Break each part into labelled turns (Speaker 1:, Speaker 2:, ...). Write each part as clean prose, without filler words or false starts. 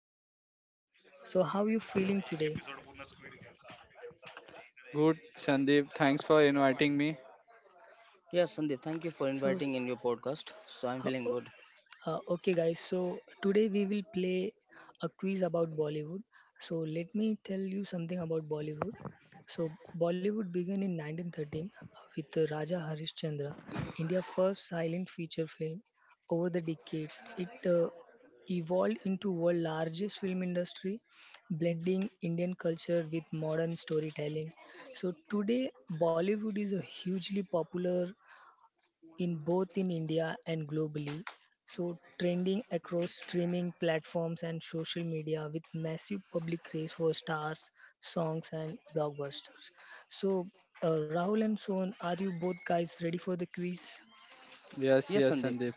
Speaker 1: podcast, guys. So how you feeling today?
Speaker 2: Good, Sandeep. Thanks for inviting me.
Speaker 3: Yes, Sandeep, thank you for
Speaker 1: So,
Speaker 3: inviting in your podcast. So I'm feeling good.
Speaker 1: okay, guys, so today we will play a quiz about Bollywood. So, let me tell you something about Bollywood. So, Bollywood began in 1913 with Raja Harishchandra, India's first silent feature film. Over the decades, it evolved into world largest film industry, blending Indian culture with modern storytelling. So today Bollywood is a hugely popular in both in India and globally. So trending across streaming platforms and social media with massive public race for stars, songs and blockbusters. So Rahul and Sohan, are you both guys ready for the quiz?
Speaker 2: Yes,
Speaker 3: Yes,
Speaker 2: yes,
Speaker 3: Sandeep.
Speaker 2: Sandeep.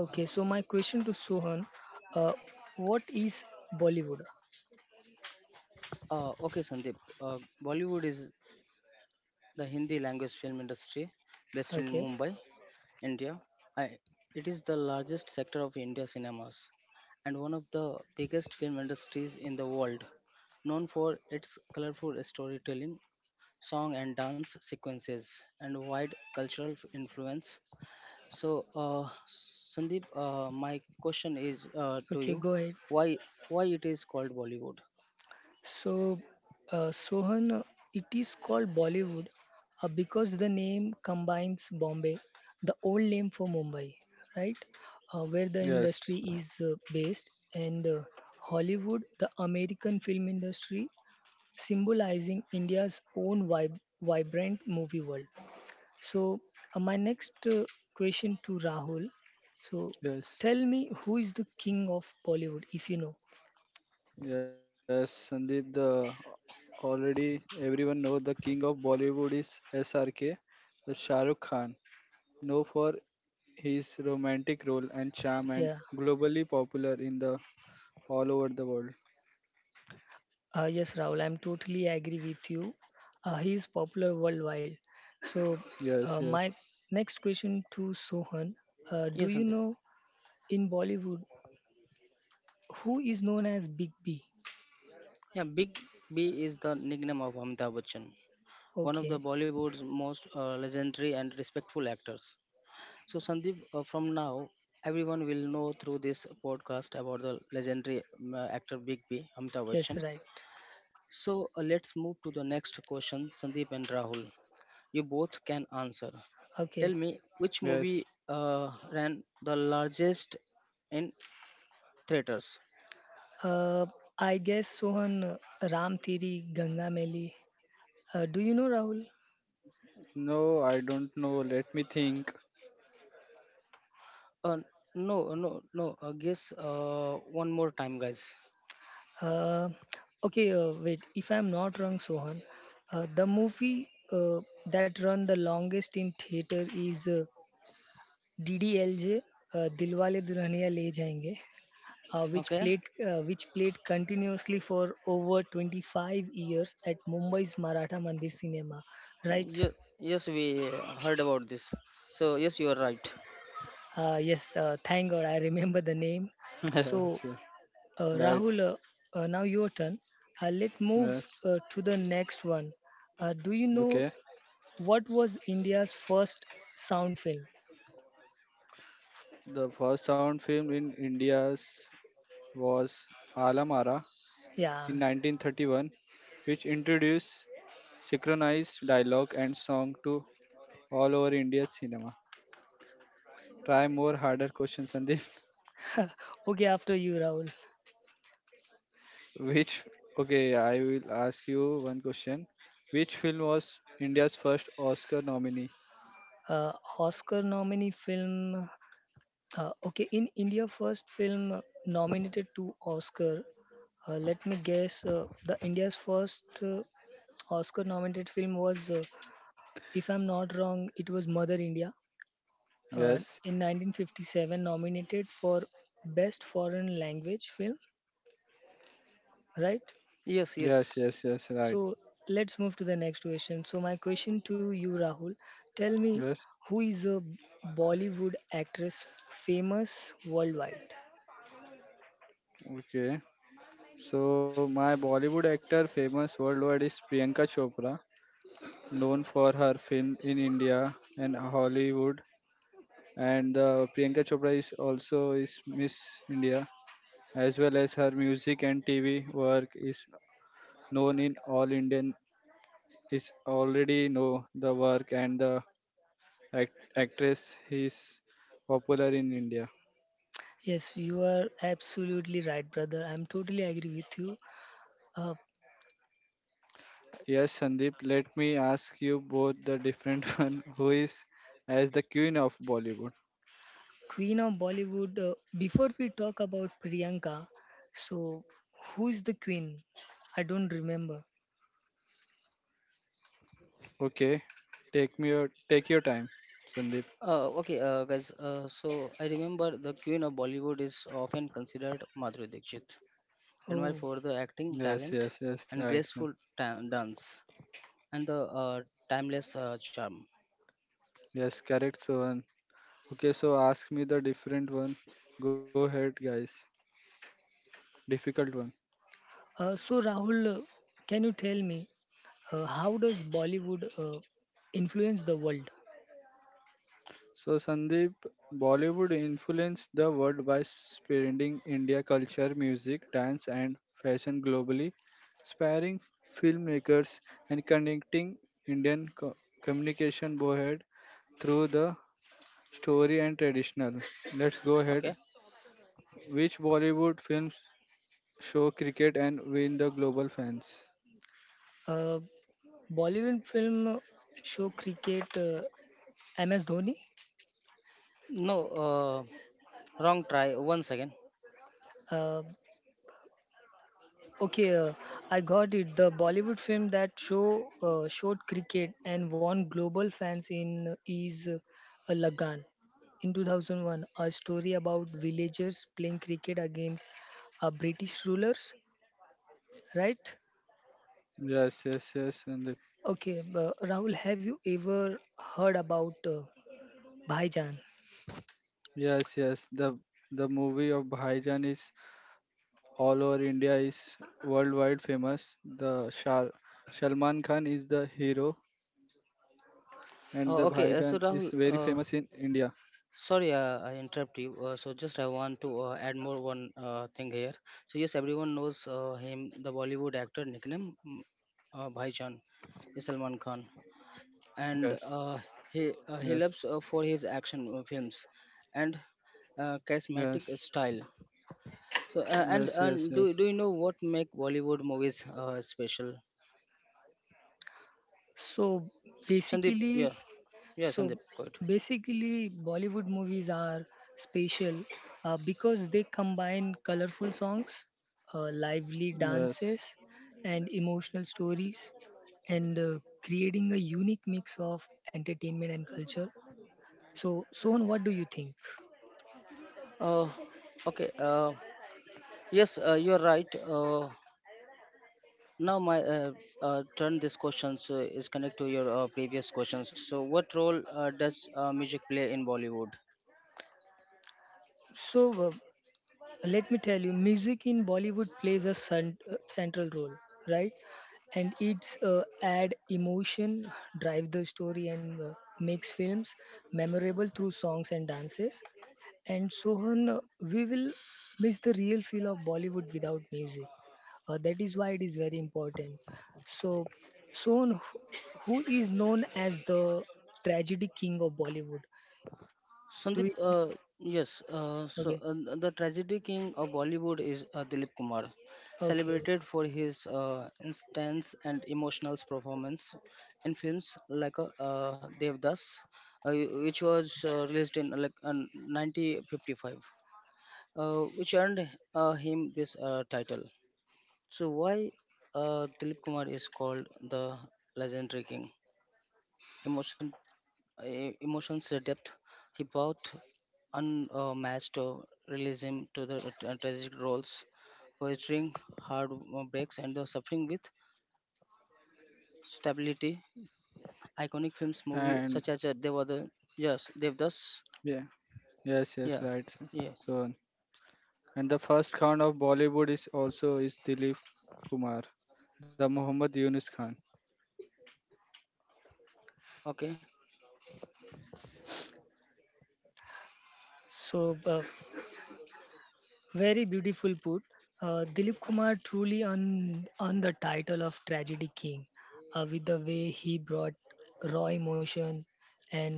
Speaker 1: Okay, so my question to Sohan, uh, what is Bollywood?
Speaker 3: Okay, Sandeep. Bollywood is the Hindi language film industry based in
Speaker 1: Okay,
Speaker 3: Mumbai, India. I, it is the largest sector of India cinemas and one of the biggest film industries in the world, known for its colorful storytelling, song and dance sequences, and wide cultural influence. So, Sandeep, my question is to
Speaker 1: okay,
Speaker 3: you:
Speaker 1: go ahead.
Speaker 3: Why, why it is called Bollywood?
Speaker 1: So, Sohan, it is called Bollywood because the name combines Bombay, the old name for Mumbai, right? Where the industry
Speaker 2: Yes,
Speaker 1: is based, and Hollywood, the American film industry, symbolizing India's own vibrant movie world. So, my next question to Rahul. So, tell me
Speaker 2: yes,
Speaker 1: who is the king of Bollywood, if you know.
Speaker 2: yes, Sandeep. The already everyone know the king of Bollywood is SRK, the Shah Rukh Khan, known for his romantic role and charm, and
Speaker 1: Yeah.
Speaker 2: globally popular in the all over the world.
Speaker 1: Yes, Rahul, I'm totally agree with you. He is popular worldwide. So,
Speaker 2: Yes,
Speaker 1: my
Speaker 2: yes,
Speaker 1: next question to Sohan: do
Speaker 3: Yes,
Speaker 1: you
Speaker 3: Sandeep.
Speaker 1: know in Bollywood who is known as Big B?
Speaker 3: Yeah, Big B is the nickname of Amitabh Bachchan, one of the
Speaker 1: Okay,
Speaker 3: Bollywood's most legendary and respectful actors. So, Sandeep, from now, everyone will know through this podcast about the legendary actor Big B, Amitabh
Speaker 1: yes,
Speaker 3: Bachchan.
Speaker 1: right.
Speaker 3: So let's move to the next question, Sandeep and Rahul. You both can answer. Tell
Speaker 1: Okay,
Speaker 3: me which
Speaker 2: yes.
Speaker 3: movie ran the largest in theaters?
Speaker 1: uh, I guess Sohan Ram Teri Ganga Meli. Do you know Rahul?
Speaker 2: No, I don't know. Let me think.
Speaker 3: Uh, no. Guess one more time, guys.
Speaker 1: Uh, okay, wait. If I'm not wrong, Sohan, the movie that run the longest in theater is. DDLJ, Dilwale Dulhaniya Le Jayenge,
Speaker 3: Okay.
Speaker 1: which played continuously for over 25 years at Mumbai's Maratha Mandir Cinema, right?
Speaker 3: Yes, yes, we heard about this. So yes, you are right.
Speaker 1: Yes, thank God I remember the name. So,
Speaker 2: Yes, yes.
Speaker 1: uh,
Speaker 2: Right.
Speaker 1: Rahul, uh, uh, now your turn. Let's move
Speaker 2: Yes.
Speaker 1: to the next one. Do you know
Speaker 2: Okay.
Speaker 1: what was India's first sound film?
Speaker 2: The first sound film in India's was Alamara in
Speaker 1: Yeah.
Speaker 2: 1931, which introduced synchronized dialogue and song to all over India cinema. Try more harder question, Sandeep.
Speaker 1: Okay, after you, Rahul.
Speaker 2: Which, okay, I will ask you one question. Which film was India's first Oscar nominee?
Speaker 1: Uh, Oscar nominee film. Okay, in India, first film nominated to Oscar. Let me guess. The India's first Oscar-nominated film was, if I'm not wrong, it was Mother India.
Speaker 2: Yes,
Speaker 1: In 1957, nominated for Best Foreign Language Film. Right.
Speaker 3: Yes,
Speaker 2: yes,
Speaker 3: yes.
Speaker 2: yes, yes, right.
Speaker 1: So let's move to the next question. So my question to you, Rahul, tell me
Speaker 2: Yes,
Speaker 1: who is a Bollywood actress famous worldwide?
Speaker 2: okay. So, my Bollywood actor famous worldwide is Priyanka Chopra, known for her film in India and Hollywood and Priyanka Chopra is also is Miss India as well as her music and TV work is known in all Indian is already know the work and the actress is popular in India.
Speaker 1: Yes, you are absolutely right, brother. I'm totally agree with you. Uh,
Speaker 2: Yes, Sandeep, let me ask you both the different one who is as the queen of Bollywood.
Speaker 1: Queen of Bollywood. Before we talk about Priyanka, so who is the queen? I don't remember.
Speaker 2: Okay, take your time, Sandeep.
Speaker 3: Okay, guys. So I remember the queen of Bollywood is often considered Madhuri Dixit. Admire
Speaker 1: Oh,
Speaker 3: for the acting
Speaker 2: Yes, yes,
Speaker 3: talent
Speaker 2: yes, right.
Speaker 3: and graceful dance and the uh, timeless charm.
Speaker 2: Yes, correct, Sohan. Okay, so ask me the different one. Go ahead, guys. Difficult one.
Speaker 1: so Rahul, can you tell me how does Bollywood influence the world?
Speaker 2: So, Sandeep, Bollywood influenced the world by spreading India culture, music, dance, and fashion globally, inspiring filmmakers and connecting Indian co- communication board through the story and traditional. Let's go
Speaker 3: Okay.
Speaker 2: ahead. Which Bollywood films show cricket and win the global fans?
Speaker 1: Uh, Bollywood film show cricket MS Dhoni.
Speaker 3: No, uh, wrong try. One second.
Speaker 1: Uh, Okay, uh, I got it. The Bollywood film that showed cricket and won global fans in is Lagan in 2001, a story about villagers playing cricket against British rulers, right?
Speaker 2: Yes, yes, yes, Sandeep.
Speaker 1: Okay, Rahul, have you ever heard about Bhaijan?
Speaker 2: Yes, yes. The movie of Bhaijan is all over India is worldwide famous. The Shah Salman Khan is the hero, and the Bhaijan is
Speaker 3: Uh,
Speaker 2: very
Speaker 3: okay, uh,
Speaker 2: famous
Speaker 3: so
Speaker 2: in
Speaker 3: Rahul,
Speaker 2: India.
Speaker 3: sorry I interrupt you. So just I want to add more one thing here. So yes, everyone knows him, the Bollywood actor nickname Bhaijaan is Salman Khan,
Speaker 2: Yes,
Speaker 3: and
Speaker 2: yes,
Speaker 3: he loves for his action films and
Speaker 2: yes,
Speaker 3: charismatic style. So uh, and
Speaker 2: yes, yes,
Speaker 3: and
Speaker 2: yes,
Speaker 3: do you know what make Bollywood movies special?
Speaker 1: So
Speaker 3: Sandeep, yeah,
Speaker 1: basically,
Speaker 3: yeah,
Speaker 1: So
Speaker 3: Sandeep, go ahead.
Speaker 1: basically, Bollywood movies are special because they combine colorful songs, lively
Speaker 2: yes.
Speaker 1: dances, and emotional stories, and creating a unique mix of entertainment and culture. So, Sohan, what do you think?
Speaker 3: Uh, okay. Uh, yes, you're right. Now my turn. This question so is connect to your previous questions. So, what role does music play in Bollywood?
Speaker 1: So, let me tell you music in Bollywood plays a central role, right, and it's add emotion, drive the story, and makes films memorable through songs and dances. And Sohan, we will miss the real feel of Bollywood without music. Uh, that is why it is very important. So Sohan, who is known as the tragedy king of Bollywood, do you
Speaker 3: Sandeep, yes, uh, so
Speaker 1: okay,
Speaker 3: uh, the tragedy king of Bollywood is Dilip Kumar,
Speaker 1: okay
Speaker 3: celebrated for his intense and emotional performance in films like Devdas, uh, which was released in 1955, which earned him this title. So why Dilip Kumar is called the legendary king? Emotion Emotions depth. He brought unmatched realism to the tragic roles, poetrying heartbreaks and the suffering with stability. Iconic films, movie such
Speaker 2: And
Speaker 3: as Devada, yes, Devdas,
Speaker 2: yeah, yes, yes,
Speaker 3: yeah,
Speaker 2: right, sir.
Speaker 3: yeah,
Speaker 2: So and the first Khan of Bollywood is also is Dilip Kumar, the Muhammad Yunus Khan,
Speaker 3: okay.
Speaker 1: so very beautiful put. Dilip Kumar truly on the title of tragedy king, with the way he brought raw emotion and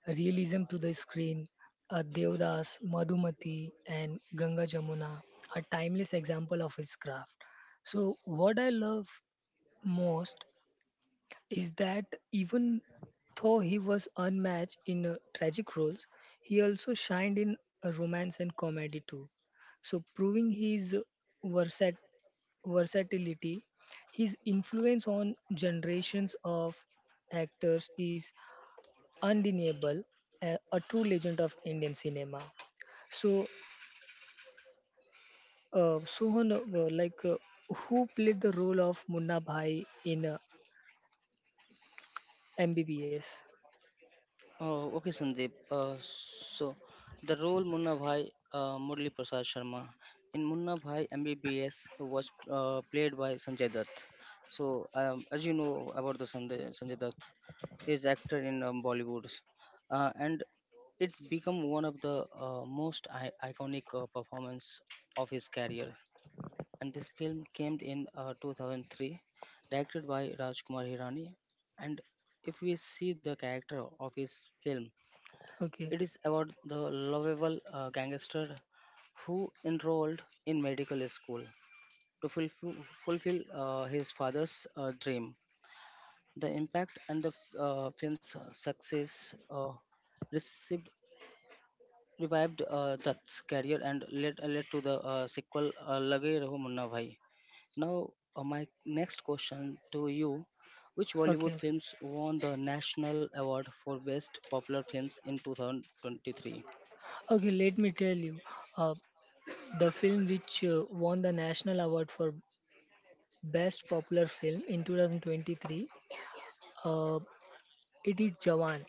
Speaker 1: realism to the screen. Devdas, Madhumati, and Ganga Jamuna are timeless example of his craft. So what I love most is that even though he was unmatched in tragic roles, he also shined in romance and comedy too. So, proving his versat- versatility, his influence on generations of actors is undeniable, a true legend of Indian cinema. So, Sohan, who played the role of Munna Bhai in MBBS?
Speaker 3: Oh, okay, Sandeep. So, the role Munna Bhai Murli Prasad Sharma in Munna Bhai MBBS was played by Sanjay Dutt. So, as you know about the Sanjay Dutt, he is actor in Bollywood, and it become one of the most iconic performance of his career and this film came in 2003 directed by Rajkumar Hirani, and if we see the character of his film,
Speaker 1: Okay,
Speaker 3: it is about the lovable gangster who enrolled in medical school to fulfill his father's dream. The impact and the film's success received revived Dutt's career and led to the sequel Lage Raho Munna Bhai. Now, my next question to you: which Bollywood
Speaker 1: okay.
Speaker 3: films won the National Award for Best Popular Films in 2023?
Speaker 1: Okay, let me tell you. Uh, the film which won the National Award for Best Popular Film in 2023, uh, it is Jawan.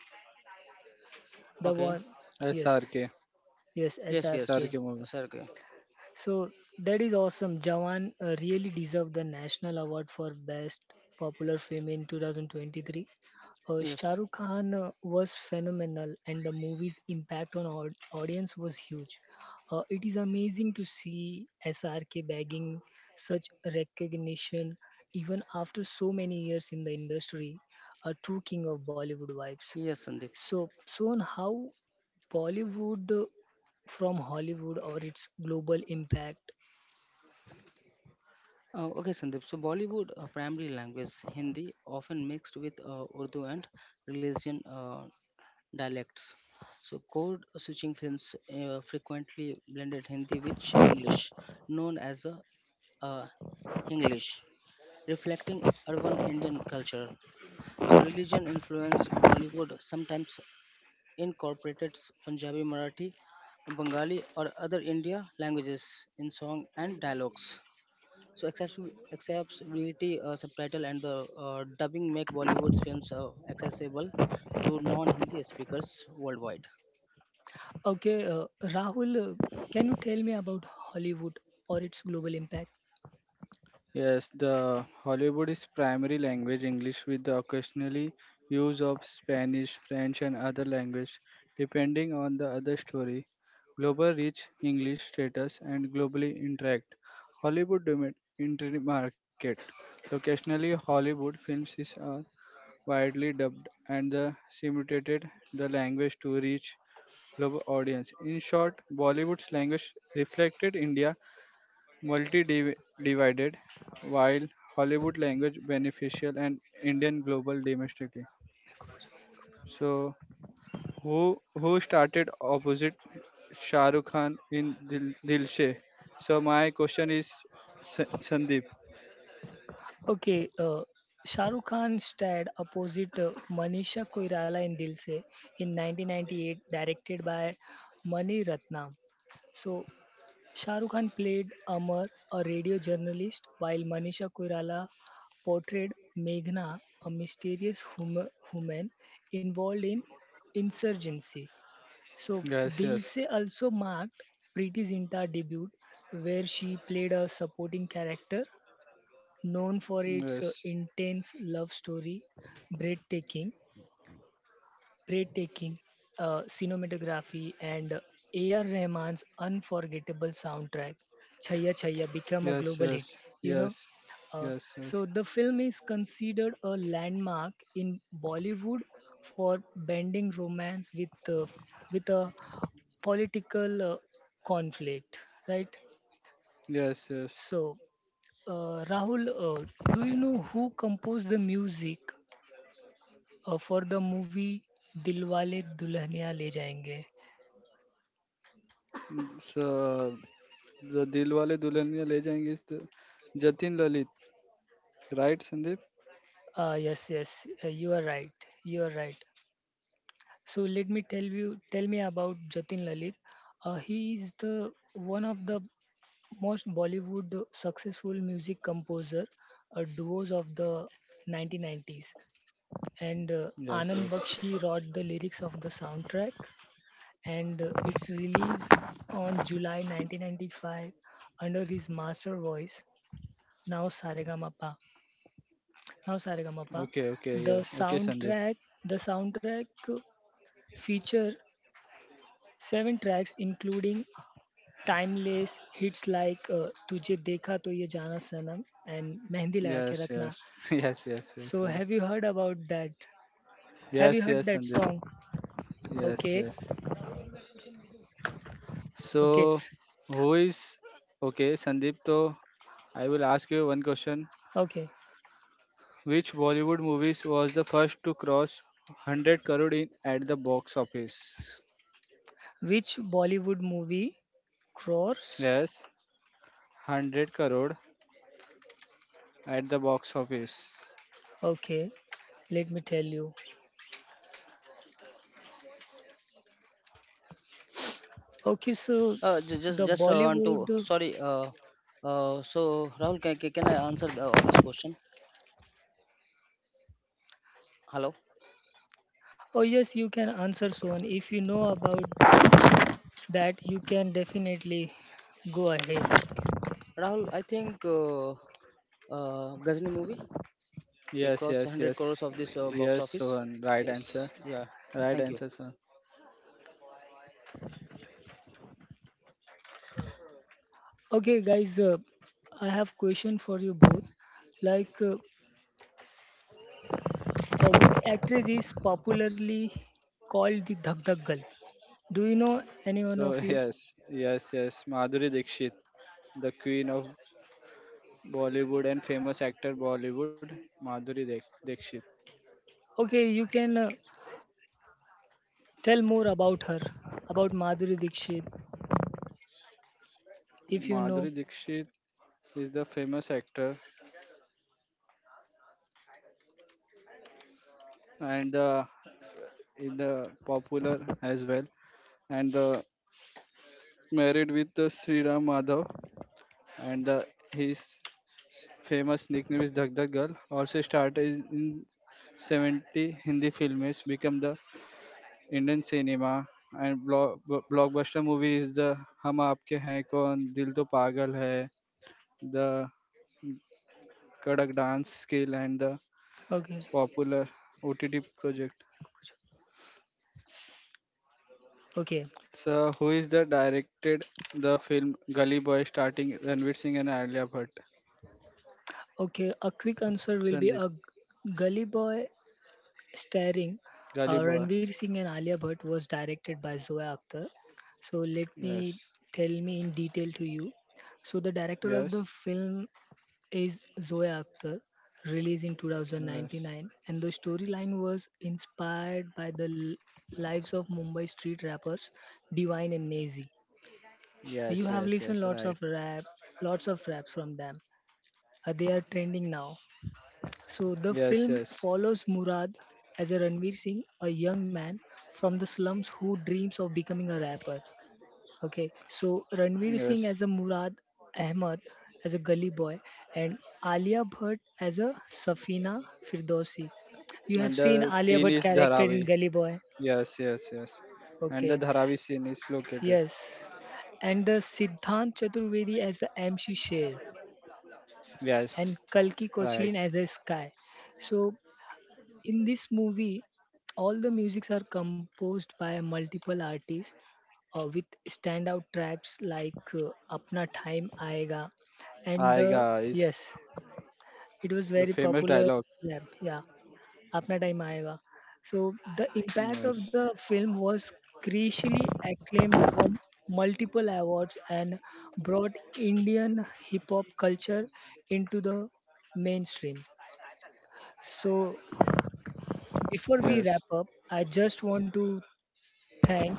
Speaker 1: The
Speaker 3: Okay.
Speaker 1: one, yes,
Speaker 2: SRK,
Speaker 1: yes,
Speaker 3: Yes, yes,
Speaker 1: SRK.
Speaker 2: SRK.
Speaker 3: Sergey.
Speaker 1: So that is awesome. Jawan really deserved the National Award for Best Popular Film in 2023. Shah
Speaker 3: Yes,
Speaker 1: Rukh Khan was phenomenal, and the movie's impact on our audience was huge. It is amazing to see SRK bagging such recognition even after so many years in the industry, a true king of Bollywood vibes.
Speaker 3: yes, Sandeep.
Speaker 1: So, Son, how Bollywood from Hollywood or its global impact.
Speaker 3: Okay, Sandeep. So, Bollywood primary language Hindi, often mixed with Urdu and religion. Dialects. So, code switching films frequently blended Hindi with English, known as the uh, English, reflecting urban Indian culture. So, religion influenced Bollywood sometimes incorporated Punjabi, Marathi, Bengali, or other India languages in song and dialogues. So, accessibility, subtitle, and the dubbing make Bollywood's films accessible to non-Hindi speakers worldwide.
Speaker 1: Okay, Rahul, can you tell me about Hollywood or its global impact?
Speaker 2: Yes, the Hollywood is primary language English with the occasionally use of Spanish, French and other language depending on the other story. Global reach English status and globally interact. Hollywood domain entry market. Occasionally Hollywood films is are widely dubbed and the simulated the language to reach global audience. In short, Bollywood's language reflected India multi-divided, while Hollywood language beneficial and Indian global domestically. So who started opposite Shah Rukh Khan in Dil Se? So my question is Sandeep.
Speaker 1: Okay, Shah Rukh Khan starred opposite Manisha Koirala in Dil Se in 1998, directed by Mani Ratnam. So, Shahrukh Khan played Amar, a radio journalist, while Manisha Koirala portrayed Meghna, a mysterious woman involved in insurgency. So,
Speaker 2: Yes,
Speaker 1: Dil
Speaker 2: yes,
Speaker 1: Se also marked Preeti Zinta debut, where she played a supporting character known for its
Speaker 2: yes,
Speaker 1: intense love story, breathtaking breathtaking cinematography and A.R. Rahman's unforgettable soundtrack, Chaya Chaya, became a
Speaker 2: yes,
Speaker 1: global
Speaker 2: yes,
Speaker 1: hit. You
Speaker 2: yes,
Speaker 1: know, uh,
Speaker 2: yes, yes,
Speaker 1: so the film is considered a landmark in Bollywood for blending romance with a political conflict, right?
Speaker 2: yes, yes.
Speaker 1: So, Rahul, do you know who composed the music for the movie Dilwale Dulhania Le Jayenge?
Speaker 2: Mm, so the Dilwale Dulhaniya Le Jayenge is the Jatin Lalit, right, Sandeep?
Speaker 1: Yes, you are right. You are right. So let me tell you, tell me about Jatin Lalit. He is the one of the most Bollywood successful music composer duos of the 1990s, and
Speaker 2: Yes,
Speaker 1: Anand
Speaker 2: yes.
Speaker 1: Bakshi wrote the lyrics of the soundtrack, and its release on July 1995 under his master voice, now Saregama. Pa. Now saregamapa
Speaker 2: Okay, okay,
Speaker 1: the
Speaker 2: yeah. Okay, Sandeep.
Speaker 1: soundtrack the soundtrack feature seven tracks including timeless hits like tujhe dekha to ye jana sanam and mehndi laga ke
Speaker 2: Yes,
Speaker 1: rakna.
Speaker 2: yes. Yes, yes, yes,
Speaker 1: so
Speaker 2: Sandeep.
Speaker 1: have you heard about that have you
Speaker 2: Yes,
Speaker 1: heard
Speaker 2: yes,
Speaker 1: that
Speaker 2: Sandeep.
Speaker 1: song?
Speaker 2: Yes,
Speaker 1: okay
Speaker 2: yes.
Speaker 1: okay
Speaker 2: So, who is okay, Sandeep? So, I will ask you one question.
Speaker 1: okay,
Speaker 2: Which Bollywood movies was the first to cross 100 crore in at the box office?
Speaker 1: which Bollywood movie crores?
Speaker 2: Yes, 100 crore at the box office.
Speaker 1: Okay, let me tell you. Okay so
Speaker 3: Uh, ju- just
Speaker 1: the
Speaker 3: just uh, want to
Speaker 1: bollywood
Speaker 3: sorry. So Rahul, can I answer the, of this question? Hello,
Speaker 1: Oh, yes, you can answer soon. If you know about that, you can definitely go ahead.
Speaker 3: Rahul. I think Ghazni movie it
Speaker 2: Yes,
Speaker 3: crossed
Speaker 2: yes,
Speaker 3: 100 crores
Speaker 2: yes.
Speaker 3: of this box
Speaker 2: Yes,
Speaker 3: office.
Speaker 2: Sohan. Right
Speaker 3: Yes.
Speaker 2: answer.
Speaker 3: Yeah.
Speaker 2: Right
Speaker 3: Thank you.
Speaker 2: answer, Sohan.
Speaker 1: Okay, guys, I have question for you both. Like, which actress is popularly called the Dhak Dhak Girl? Do you know anyone
Speaker 2: So,
Speaker 1: of you?
Speaker 2: yes, yes, yes. Madhuri Dixit, the queen of Bollywood and famous actor Bollywood, Dikshit.
Speaker 1: Okay, you can tell more about her, about Madhuri Dixit, if you
Speaker 2: Madhuri
Speaker 1: know.
Speaker 2: Dikshit is the famous actor and in the popular as well, and married with the Sri Ram Madhav, and famous nickname is Dag Dag Girl. Also started in 70 Hindi films, become the Indian cinema and blockbuster movie is the हम आपके हैं कौन दिल तो पागल है, the Kadak dance skill and the
Speaker 1: Okay,
Speaker 2: popular OTT project.
Speaker 1: okay,
Speaker 2: So who is the directed the film Gully Boy starting Ranveer Singh and Alia Bhatt?
Speaker 1: okay. A quick answer
Speaker 2: Sandeep.
Speaker 1: will be a gully boy. Starring
Speaker 2: Gully Boy.
Speaker 1: Ranveer Singh and Alia Bhatt was directed by Zoya Akhtar. So let me
Speaker 2: Yes.
Speaker 1: tell me in detail to you. So the director of
Speaker 2: Yes.
Speaker 1: the film is Zoya Akhtar, released in
Speaker 2: Yes.
Speaker 1: 2099, and the storyline was inspired by the lives of Mumbai street rappers Divine and Nazy.
Speaker 2: Yes.
Speaker 1: You have
Speaker 2: Yes. Yes.
Speaker 1: listened
Speaker 2: Right.
Speaker 1: lots of raps from them. They are trending now. So the
Speaker 2: Yes.
Speaker 1: film
Speaker 2: Yes.
Speaker 1: follows Murad as a Ranveer Singh, a young man from the slums who dreams of becoming a rapper. Okay, so Ranveer Singh
Speaker 2: Yes.
Speaker 1: as a Murad, Ahmed as a gully boy, and Alia Bhatt as a Safina Firdausi. You have
Speaker 2: And
Speaker 1: seen
Speaker 2: the
Speaker 1: Alia
Speaker 2: scene
Speaker 1: Bhatt
Speaker 2: is
Speaker 1: character in
Speaker 2: Dharavi.
Speaker 1: Gully Boy.
Speaker 2: Yes. Yes. Yes. And
Speaker 1: Okay,
Speaker 2: the Dharavi scene is located.
Speaker 1: yes. And the Siddhant Chaturvedi as the MC Sher and
Speaker 2: Yes.
Speaker 1: Kalki
Speaker 2: Right.
Speaker 1: Kochlin as a Sky. So in this movie, all the musics are composed by multiple artists with standout tracks like Apna Time Aayega and
Speaker 2: Aiga is
Speaker 1: yes, it was
Speaker 2: the
Speaker 1: very
Speaker 2: famous
Speaker 1: popular.
Speaker 2: dialogue.
Speaker 1: Yeah, yeah, Apna Time Aayega. So the impact of
Speaker 2: Yes.
Speaker 1: the film was crucially acclaimed, won multiple awards, and brought Indian hip hop culture into the mainstream. So before we wrap
Speaker 2: Yes.
Speaker 1: up, I just want to thank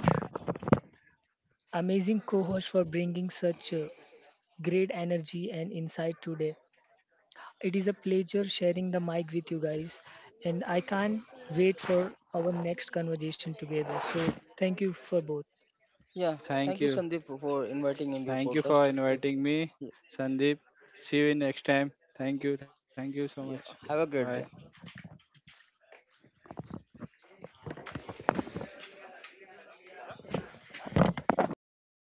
Speaker 1: amazing co-host for bringing such great energy and insight today. It is a pleasure sharing the mic with you guys, and I can't wait for our next conversation together. So thank you for both.
Speaker 3: Yeah.
Speaker 2: Thank
Speaker 3: Thank you,
Speaker 2: you.
Speaker 3: Sandeep, for inviting in your
Speaker 2: Thank you
Speaker 3: podcast.
Speaker 2: for
Speaker 3: Uh,
Speaker 2: inviting me, Sandeep. See you in next time. Thank you. Thank you so much.
Speaker 3: Yeah. Have a
Speaker 2: Bye.
Speaker 3: great day.